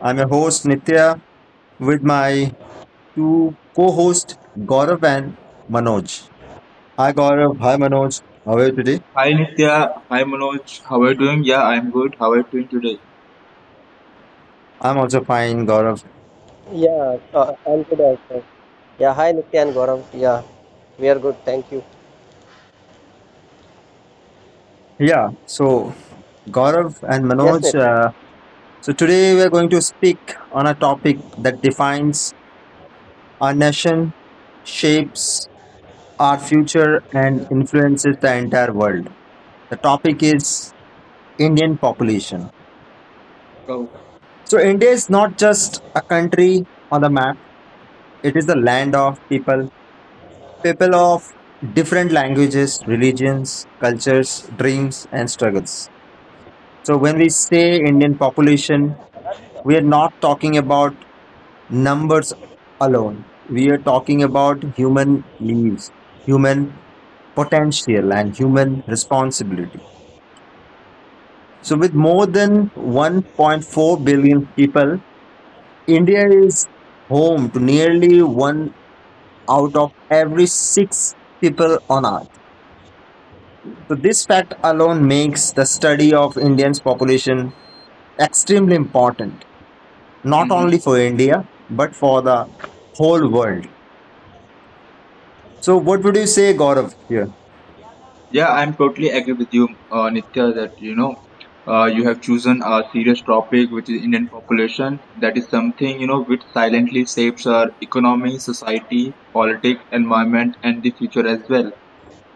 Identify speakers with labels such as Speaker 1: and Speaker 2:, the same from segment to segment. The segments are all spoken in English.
Speaker 1: I'm your host Nitya with my two co-hosts Gaurav and Manoj. Hi Gaurav, hi Manoj. How are you today?
Speaker 2: Hi Nitya, hi Manoj. How are you doing? Yeah, I'm good. How are you doing today?
Speaker 1: I'm also fine, Gaurav.
Speaker 3: Yeah, I'm good also. Yeah, hi Nitya and Gaurav. Yeah, we are good. Thank you.
Speaker 1: Yeah, so Gaurav and
Speaker 3: Yes,
Speaker 1: Manoj,
Speaker 3: Nitya.
Speaker 1: so today we're going to speak on a topic that defines our nation, shapes our future, and influences the entire world. The topic
Speaker 2: Hmm.
Speaker 1: is Indian population.
Speaker 2: Oh.
Speaker 1: So India is not just a country on the map, it is the land of people, people of different languages, religions, cultures, dreams, and struggles. So when we say Indian population, we are not talking about numbers alone. We are talking about human lives, human potential, and human responsibility. So with more than 1.4 billion people, India is home to nearly 1 out of every six people on earth. So, this fact alone makes the study of Indians' population extremely important, not
Speaker 2: Hmm.
Speaker 1: only for India, but for the whole world. So, what would you say, Gaurav, here?
Speaker 2: Yeah, I'm totally agree with you, Nitya, that you have chosen a serious topic, which is Indian population. That is something which silently shapes our economy, society, politics, environment, and the future as well.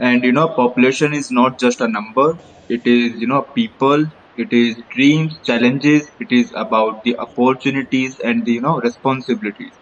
Speaker 2: And population is not just a number. It is people. It is dreams, challenges. It is about the opportunities and the responsibilities.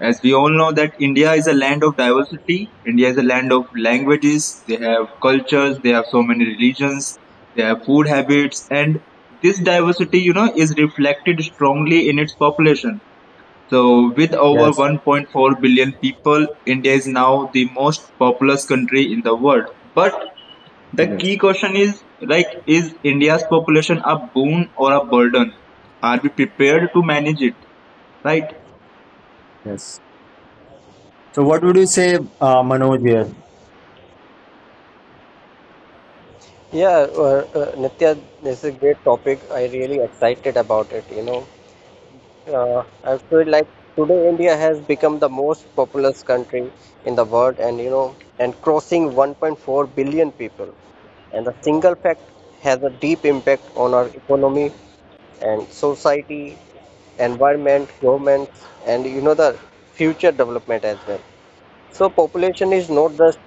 Speaker 2: As we all know that India is a land of diversity. India is a land of languages, they have cultures, they have so many religions, they have food habits. And this diversity is reflected strongly in its population. So with over
Speaker 1: Yes,
Speaker 2: 1.4 billion people, India is now the most populous country in the world. But the key
Speaker 1: yes,
Speaker 2: question is like, is India's population a boon or a burden? Are we prepared to manage it, right?
Speaker 1: yes. So, what would you say, Manoj, here?
Speaker 3: Yeah, Nitya, this is a great topic. I really excited about it. I feel like today India has become the most populous country in the world, and you know, and crossing 1.4 billion people. And the single fact has a deep impact on our economy and society, environment, governments, and you know the future development as well. So population is not just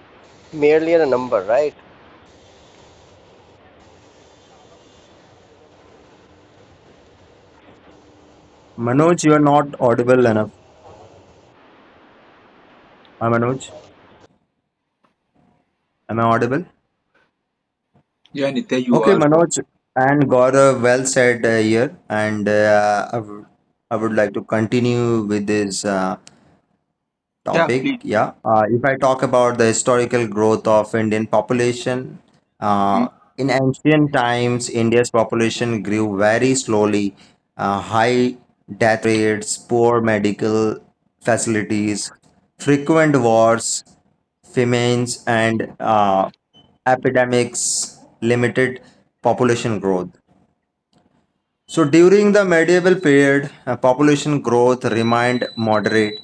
Speaker 3: merely a number, right?
Speaker 1: Manoj, you are not audible enough. Am Manoj? Am I audible?
Speaker 2: Yeah, Nitya, you
Speaker 1: Okay,
Speaker 2: are.
Speaker 1: Manoj and Gaurav, well said here. And I would like to continue with this
Speaker 2: Yeah,
Speaker 1: topic.
Speaker 2: please.
Speaker 1: Yeah. If I talk about the historical growth of Indian population,
Speaker 2: Hmm.
Speaker 1: uh, in ancient times, India's population grew very slowly. High death rates, poor medical facilities, frequent wars, famines, and epidemics limited population growth. So during the medieval period, population growth remained moderate.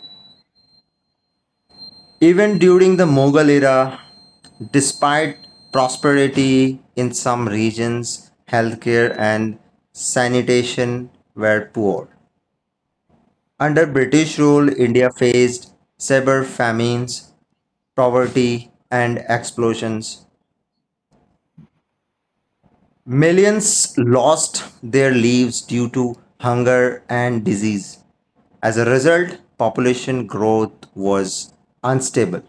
Speaker 1: Even during the Mughal era, despite prosperity in some regions, healthcare and sanitation were poor. Under British rule, India faced severe famines, poverty, and explosions. Millions lost their lives due to hunger and disease. As a result, population growth was unstable.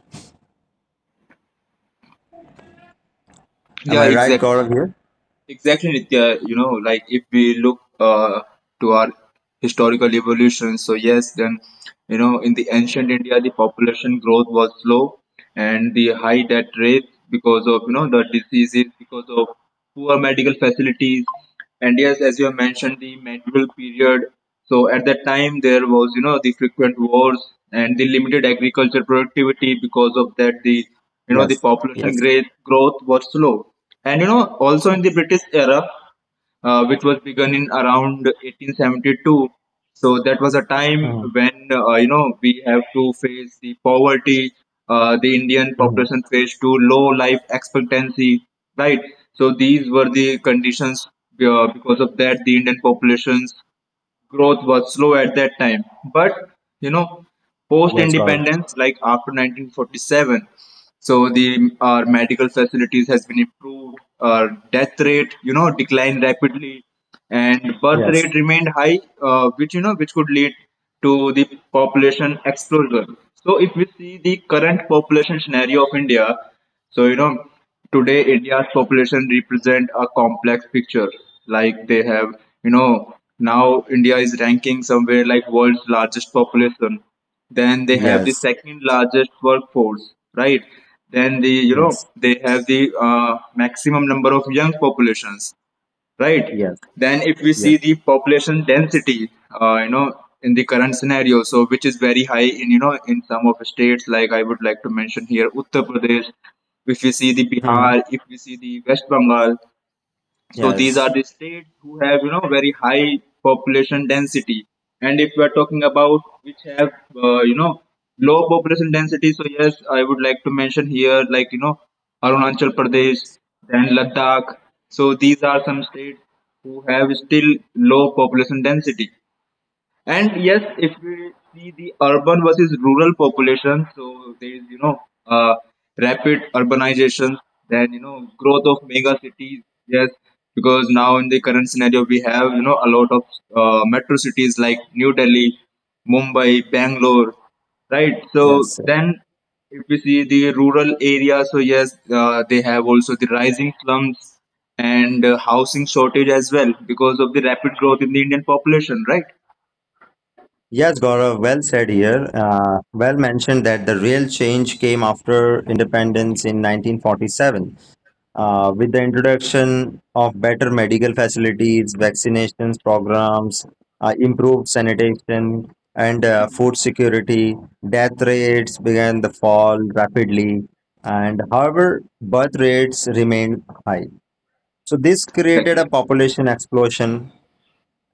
Speaker 1: Am
Speaker 2: Yeah,
Speaker 1: I right, Gaurav?
Speaker 2: exactly.
Speaker 1: Here?
Speaker 2: Exactly, Nitya. Like if we look to our historical evolution, so yes, then, in the ancient India, the population growth was slow and the high death rate because of, the diseases, because of poor medical facilities. And yes, as you have mentioned, the medieval period. So at that time there was the frequent wars and the limited agriculture productivity. Because of that the the
Speaker 1: Yes.
Speaker 2: population
Speaker 1: Yes.
Speaker 2: growth growth was slow. And also in the British era, which was begun in around 1872. So that was a time
Speaker 1: Mhm.
Speaker 2: when we have to face the poverty, the Indian
Speaker 1: Mhm.
Speaker 2: population faced to low life expectancy, right? So these were the conditions, because of that the Indian populations growth was slow at that time. But you know, post
Speaker 1: Yes, Gaurav.
Speaker 2: independence, like after 1947. So the our medical facilities has been improved. Our death rate, declined rapidly, and birth
Speaker 1: Yes,
Speaker 2: rate remained high, which could lead to the population explosion. So if we see the current population scenario of India, so today India's population represent a complex picture. Like they have, now India is ranking somewhere like world's largest population. Then they have the
Speaker 1: yes,
Speaker 2: second largest workforce, right? Then the
Speaker 1: yes,
Speaker 2: they have the maximum number of young populations, right?
Speaker 1: yes,
Speaker 2: Then if we see
Speaker 1: yes.
Speaker 2: the population density uh, you know in the current scenario, so which is very high in in some of the states. Like I would like to mention here Uttar Pradesh, if we see the
Speaker 1: Hmm.
Speaker 2: Bihar, if we see the West Bengal. So these are
Speaker 1: Yes,
Speaker 2: the states who have very high population density. And if we are talking about which have uh, you know low population density, so yes, I would like to mention here Arunachal Pradesh, then Ladakh. So these are some states who have still low population density. And yes, if we see the urban versus rural population, so there is, uh, rapid urbanization, then, growth of mega cities. Yes, because now in the current scenario, we have, a lot of metro cities like New Delhi, Mumbai, Bangalore, right? So
Speaker 1: yes,
Speaker 2: then if we see the rural area, so yes, they have also the rising slums and housing shortage as well, because of the rapid growth in the Indian population, right?
Speaker 1: yes, Gaurav. Well said here. Well mentioned that the real change came after independence in 1947, with the introduction of better medical facilities, vaccinations programs, improved sanitation, and food security. Death rates began to fall rapidly, and however, birth rates remained high. So this created a
Speaker 2: Exactly.
Speaker 1: population explosion,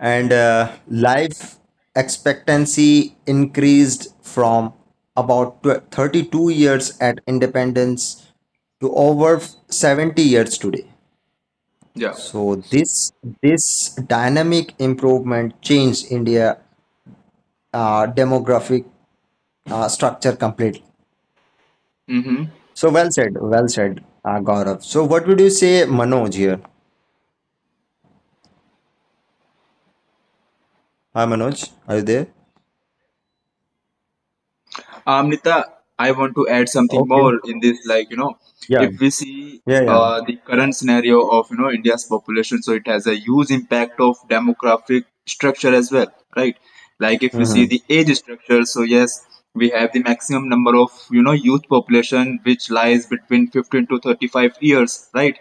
Speaker 1: and life expectancy increased from about 32 years at independence to over 70 years today.
Speaker 2: Yeah.
Speaker 1: So this dynamic improvement changed India demographic structure completely.
Speaker 2: Mm-hmm.
Speaker 1: So well said, Gaurav. So what would you say, Manoj here? Hi, Manoj, are you there?
Speaker 2: Amnita, I want to add something
Speaker 1: Okay.
Speaker 2: more in this. Like,
Speaker 1: Yeah,
Speaker 2: if we see
Speaker 1: yeah, yeah.
Speaker 2: the current scenario of, India's population, so it has a huge impact of demographic structure as well, right? Like, if we see
Speaker 1: Hmm.
Speaker 2: the age structure, so yes, we have the maximum number of, youth population which lies between 15 to 35 years, right?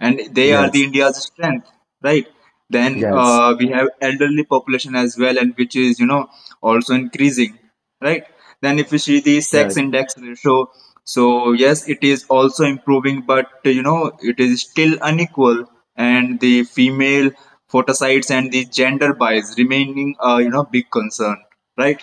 Speaker 2: And they are the
Speaker 1: Yes,
Speaker 2: India's strength, right? Then
Speaker 1: yes,
Speaker 2: we have elderly population as well, and which is also increasing, right? Then if you see the sex
Speaker 1: yes,
Speaker 2: index ratio, so yes, it is also improving, but it is still unequal, and the female photosites and the gender bias remaining big concern, right?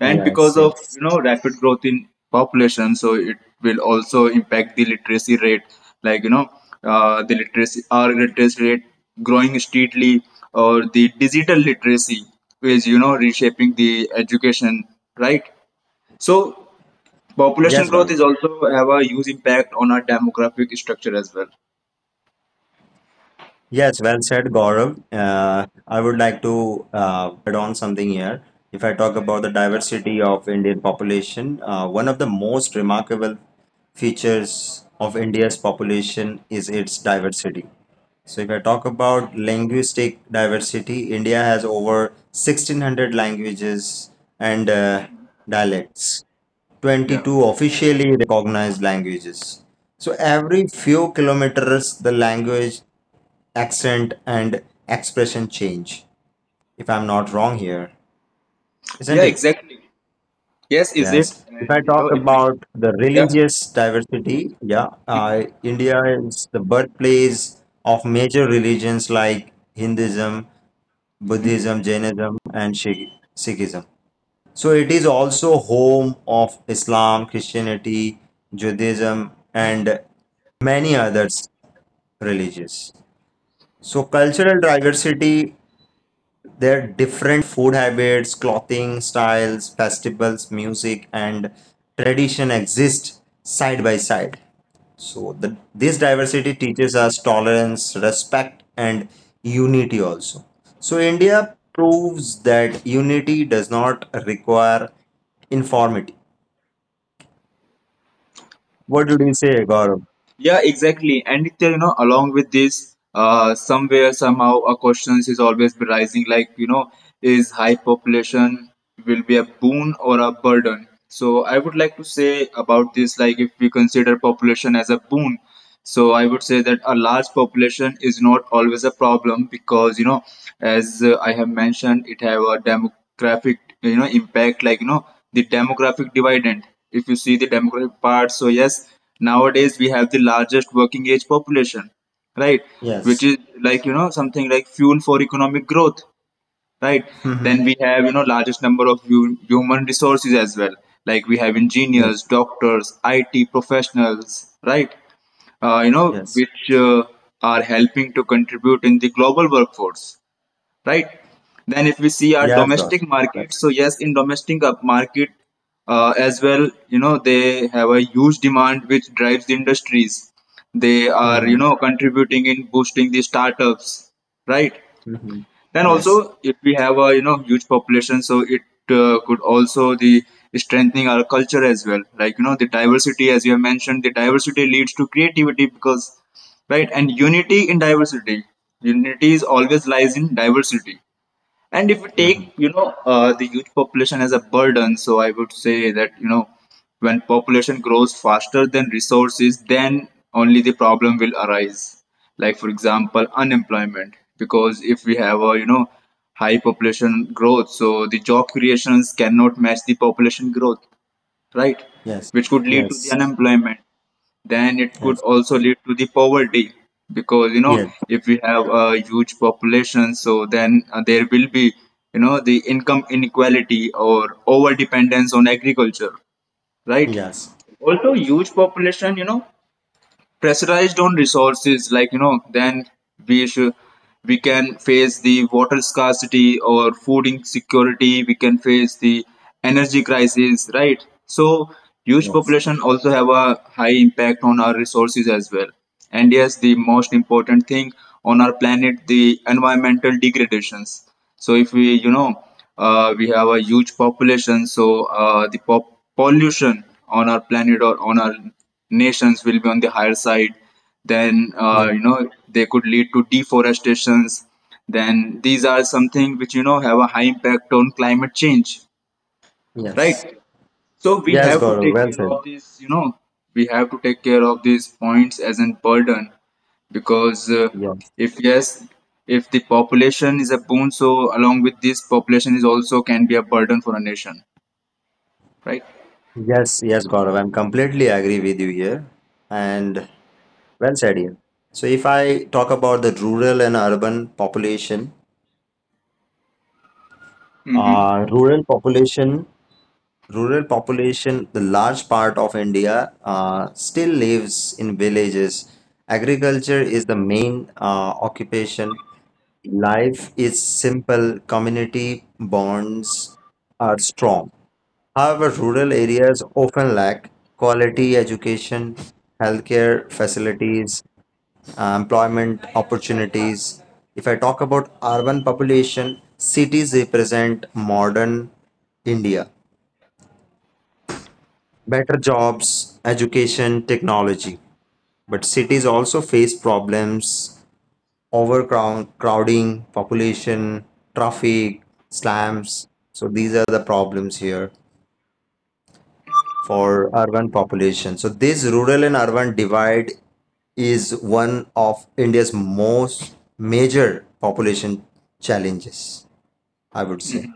Speaker 2: And
Speaker 1: yes,
Speaker 2: because of
Speaker 1: yes.
Speaker 2: rapid growth in population, so it will also impact the literacy rate. Like the literacy our literacy rate growing steadily, or the digital literacy is reshaping the education, right? So population
Speaker 1: Yes,
Speaker 2: growth
Speaker 1: Gaurav.
Speaker 2: is also have a huge impact on our demographic structure as well.
Speaker 1: Yes, well said, Gaurav. I would like to add on something here. If I talk about the diversity of Indian population, one of the most remarkable features of India's population is its diversity. So if I talk about linguistic diversity, India has over 1600 languages and dialects.
Speaker 2: Yeah,
Speaker 1: 22 officially recognized languages. So every few kilometers, the language, accent, and expression change, if I'm not wrong here,
Speaker 2: yeah,
Speaker 1: isn't it?
Speaker 2: exactly. Yes, is it.
Speaker 1: Yes. If I
Speaker 2: And
Speaker 1: talk
Speaker 2: if we,
Speaker 1: about the
Speaker 2: yeah.
Speaker 1: religious diversity, yeah,
Speaker 2: Mhm.
Speaker 1: India is the birthplace of major religions like Hinduism,
Speaker 2: Mhm.
Speaker 1: Buddhism, Jainism, and Sikhism. So it is also home of Islam, Christianity, Judaism, and many others religions. So cultural diversity, their different food habits, clothing styles, festivals, music, and tradition exist side by side. So this diversity teaches us tolerance, respect, and unity also. So India proves that unity does not require informity. What did you say, Gaurav?
Speaker 2: Yeah, exactly. And along with this, somewhere somehow a question is always arising, like is high population will be a boon or a burden? So I would like to say about this. Like if we consider population as a boon, so I would say that a large population is not always a problem. Because as I have mentioned, it have a demographic impact. Like the demographic dividend. If you see the demographic part, so yes, nowadays we have the largest working age population, right? Which
Speaker 1: Yes.
Speaker 2: is like something like fuel for economic growth, right?
Speaker 1: Hmm.
Speaker 2: Then we have largest number of human resources as well. Like we have
Speaker 1: Yes.
Speaker 2: engineers, doctors, IT professionals, right?
Speaker 1: Yes.
Speaker 2: Which are helping to contribute in the global workforce, right? Then, if we see our
Speaker 1: Yes, God.
Speaker 2: domestic market,
Speaker 1: Yes.
Speaker 2: so yes, in domestic market as well, they have a huge demand which drives the industries. They are,
Speaker 1: Hmm.
Speaker 2: contributing in boosting the startups, right?
Speaker 1: Hmm.
Speaker 2: Then
Speaker 1: Yes.
Speaker 2: also, if we have a huge population, so it could also the strengthening our culture as well. Like the diversity, as you have mentioned, the diversity leads to creativity, because right. And unity in diversity. Unity is always lies in diversity. And if we
Speaker 1: Hmm.
Speaker 2: take, the youth population as a burden, so I would say that, when population grows faster than resources, then only the problem will arise. Like, for example, unemployment. Because if we have a, high population growth, so the job creations cannot match the population growth, right?
Speaker 1: Yes.
Speaker 2: Which could lead to the
Speaker 1: Yes.
Speaker 2: unemployment. Then it could
Speaker 1: Yes.
Speaker 2: also lead to the poverty. Because
Speaker 1: Yes,
Speaker 2: if we have a huge population, so then there will be the income inequality or over dependence on agriculture, right?
Speaker 1: yes,
Speaker 2: Also huge population pressurized on resources. Like then we should we can face the water scarcity or food insecurity. We can face the energy crisis, right? So huge
Speaker 1: yes,
Speaker 2: population also have a high impact on our resources as well. And yes, the most important thing on our planet, the environmental degradations. So if we you know we have a huge population, so the pollution on our planet or on our nations will be on the higher side. Then
Speaker 1: yes,
Speaker 2: they could lead to deforestations. Then these are something which have a high impact on climate change,
Speaker 1: yes.
Speaker 2: right? So we
Speaker 1: Yes,
Speaker 2: have to
Speaker 1: Gaurav,
Speaker 2: take
Speaker 1: well
Speaker 2: care
Speaker 1: said.
Speaker 2: of this, we have to take care of these points as a burden. Because
Speaker 1: Yes,
Speaker 2: if yes, if the population is a boon, so along with this, population is also can be a burden for a nation, right?
Speaker 1: yes, yes, Gaurav. I'm completely agree with you here, and well said here. So if I talk about the rural and urban population,
Speaker 2: Mm-hmm.
Speaker 1: uh, rural population rural population, the large part of India still lives in villages. Agriculture is the main occupation. Life is simple, community bonds are strong. However, rural areas often lack quality education, healthcare facilities, employment opportunities. If I talk about urban population, cities represent modern India, better jobs, education, technology. But cities also face problems, overcrowding, population, traffic, slums. So these are the problems here for urban population. So this rural and urban divide is one of India's most major population challenges, I would say.
Speaker 2: Mm-hmm.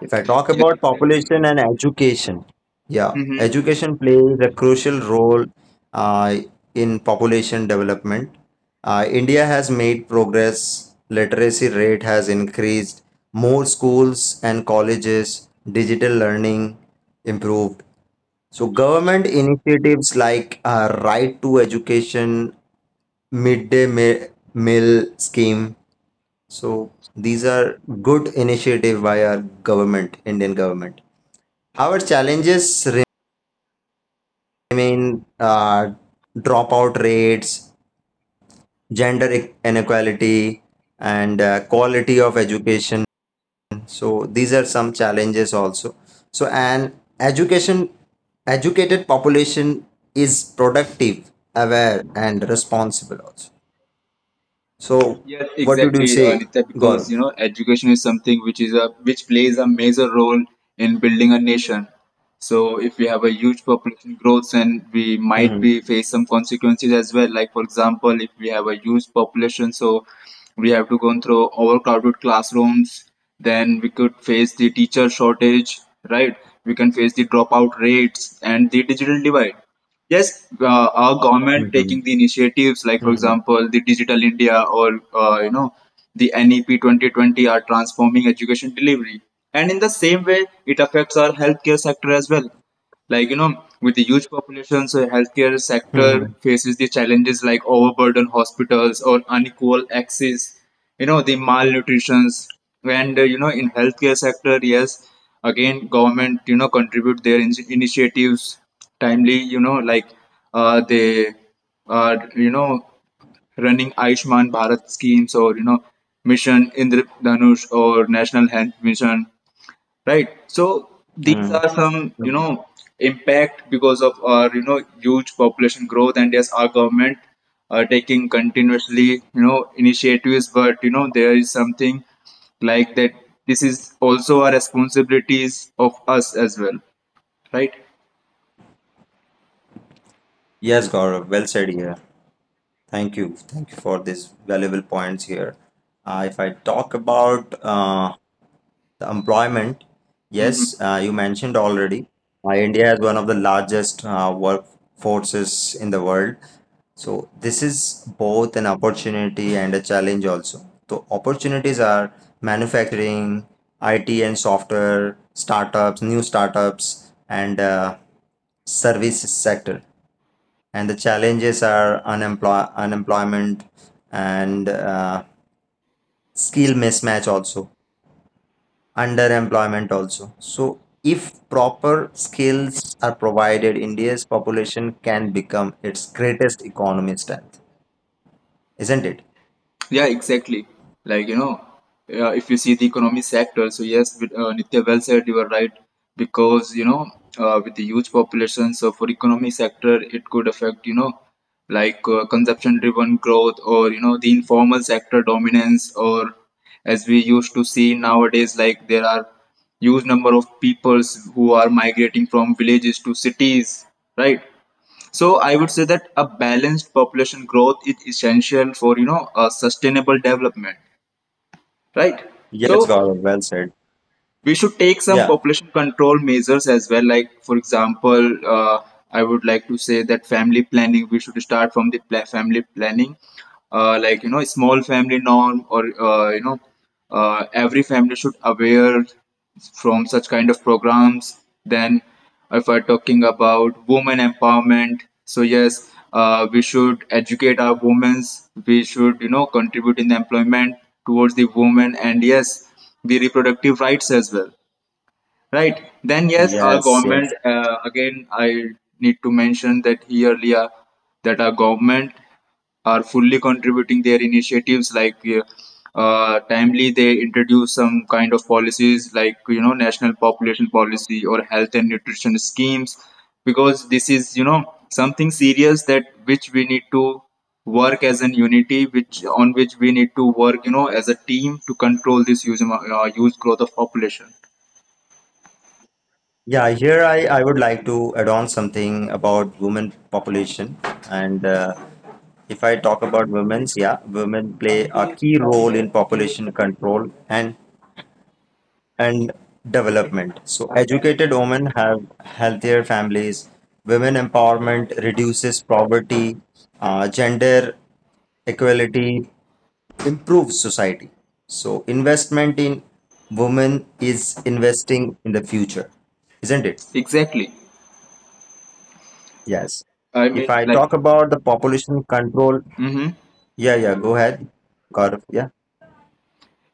Speaker 1: If I talk
Speaker 2: Yes,
Speaker 1: about
Speaker 2: exactly.
Speaker 1: population and education, yeah,
Speaker 2: Mm-hmm.
Speaker 1: education plays a crucial role uh, in population development. India has made progress, literacy rate has increased, more schools and colleges, digital learning improved. So, government initiatives like Right to Education, Midday Meal Scheme, so these are good initiative by our government, Indian government. Our challenges remain dropout rates, gender inequality, and quality of education. So these are some challenges also. So an education educated population is productive, aware, and responsible also. So
Speaker 2: Yes,
Speaker 1: what would you
Speaker 2: exactly,
Speaker 1: say,
Speaker 2: Nitya, because
Speaker 1: Gaurav?
Speaker 2: education is something which plays a major role in building a nation. So if we have a huge population growth, and we might be
Speaker 1: Mhm.
Speaker 2: face some consequences as well. Like for example, if we have a huge population, so we have to go through overcrowded classrooms. Then we could face the teacher shortage, right? We can face the dropout rates and the digital divide. Yes, our government
Speaker 1: Mhm.
Speaker 2: taking the initiatives like, for
Speaker 1: Mhm.
Speaker 2: example, the Digital India or the NEP 2020 are transforming education delivery, and in the same way, it affects our healthcare sector as well. Like, with the huge population, so healthcare sector
Speaker 1: Mhm.
Speaker 2: faces the challenges like overburdened hospitals or unequal access, the malnutrition. And, in healthcare sector, yes, again, government, contribute their initiatives timely, like they are, running Ayushman Bharat schemes or, Mission Indra Dhanush or National Health Mission, right? So these
Speaker 1: Mhm.
Speaker 2: are some impact because of our huge population growth. And yes, our government are taking continuously initiatives. But there is something like that this is also our responsibilities of us as well, right?
Speaker 1: Yes, Gaurav. Well said here. Thank you. Thank you for these valuable points here. If I talk about the employment,
Speaker 2: Mm-hmm.
Speaker 1: yes, you mentioned already, India is one of the largest workforces in the world. So this is both an opportunity and a challenge also. So opportunities are manufacturing, IT and software, startups, new startups, and services sector, and the challenges are unemployment and skill mismatch, also underemployment also. So if proper skills are provided, India's population can become its greatest economy strength, isn't it?
Speaker 2: Yeah, exactly. Like, if you see the economy sector, so yes, with, Nitya, well said, you are right. Because, with the huge population, so for economy sector, it could affect, like consumption-driven growth or, the informal sector dominance, or as we used to see nowadays, like there are huge number of peoples who are migrating from villages to cities, right? So I would say that a balanced population growth is essential for a sustainable development, right?
Speaker 1: Yes,
Speaker 2: So
Speaker 1: Gaurav, well said.
Speaker 2: we should take some
Speaker 1: Yeah.
Speaker 2: population control measures as well. Like for example, I would like to say that family planning. We should start from the family planning, like small family norm or every family should aware from such kind of programs. Then, if we're talking about women empowerment, so yes, we should educate our women. We should contribute in the employment towards the women, and yes, the reproductive rights as well, right. Then yes, our
Speaker 1: Yes,
Speaker 2: government.
Speaker 1: yes.
Speaker 2: Again, I need to mention that here, Leah, that our government are fully contributing their initiatives like timely they introduce some kind of policies like national population policy or health and nutrition schemes. Because this is something serious that which we need to work as an unity, which on which we need to work as a team to control this huge growth of population.
Speaker 1: Yeah, here I would like to add on something about women population. And if I talk about women's, yeah, women play a key role in population control and development. So educated women have healthier families. Women empowerment reduces poverty. Gender equality improves society. So investment in women is investing in the future, isn't it?
Speaker 2: Exactly,
Speaker 1: Yes.
Speaker 2: I
Speaker 1: If
Speaker 2: mean,
Speaker 1: I
Speaker 2: like.
Speaker 1: talk about the population control,
Speaker 2: Mm-hmm.
Speaker 1: yeah, yeah, go ahead. Gaurav, yeah.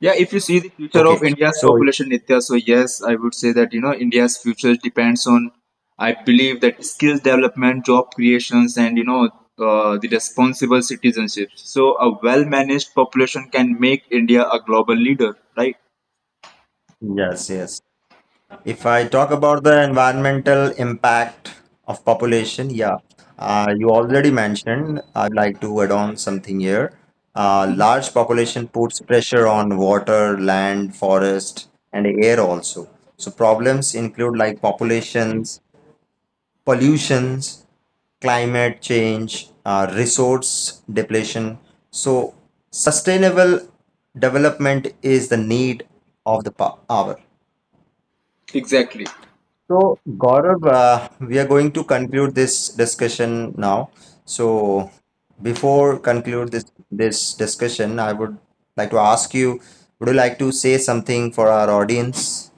Speaker 2: Yeah, if you see the future of
Speaker 1: Okay.
Speaker 2: India's
Speaker 1: So,
Speaker 2: population, Nitya, so yes, I would say that India's future depends on, I believe that skills development, job creations, and the responsible citizenship. So a well-managed population can make India a global leader, right?
Speaker 1: yes, yes. If I talk about the environmental impact of population, yeah, you already mentioned, I like to add on something here.
Speaker 2: Hmm.
Speaker 1: Large population puts pressure on water, land, forest, and air also. So, problems include like populations pollutions, climate change, resource depletion. So, sustainable development is the need of the hour.
Speaker 2: Exactly.
Speaker 1: So, Gaurav, we are going to conclude this discussion now. So, before conclude this discussion, I would like to ask you, would you like to say something for our audience?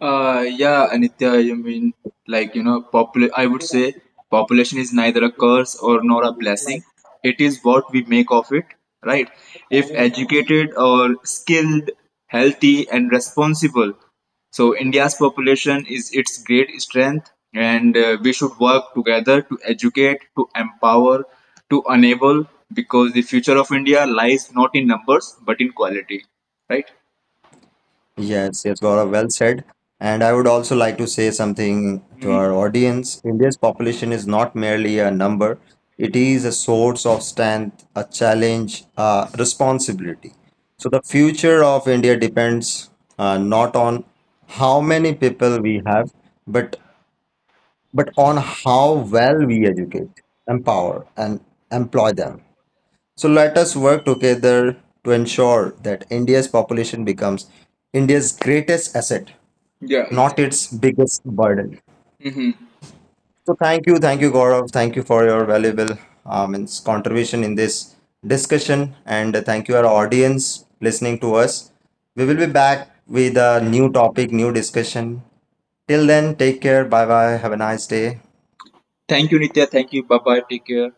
Speaker 2: Yeah, Anitya, you mean like, I would say population is neither a curse or nor a blessing. It is what we make of it, right? If educated or skilled, healthy and responsible. So India's population is its great strength and we should work together to educate, to empower, to enable, because the future of India lies not in numbers but in quality, right?
Speaker 1: Yes, yes, Gaurav, well said. And I would also like to say something to
Speaker 2: Hmm.
Speaker 1: our audience. India's population is not merely a number, it is a source of strength, a challenge, a responsibility. So the future of India depends not on how many people we have, but but on how well we educate, empower, and employ them. So let us work together to ensure that India's population becomes India's greatest asset,
Speaker 2: Yeah,
Speaker 1: not its biggest burden.
Speaker 2: exactly.
Speaker 1: So thank you, Gaurav. Thank you for your valuable contribution in this discussion, and thank you our audience listening to us. We will be back with a new topic, new discussion. Till then, take care. Bye bye. Have a nice day.
Speaker 2: Thank you, Nitya. Thank you. Bye bye. Take care.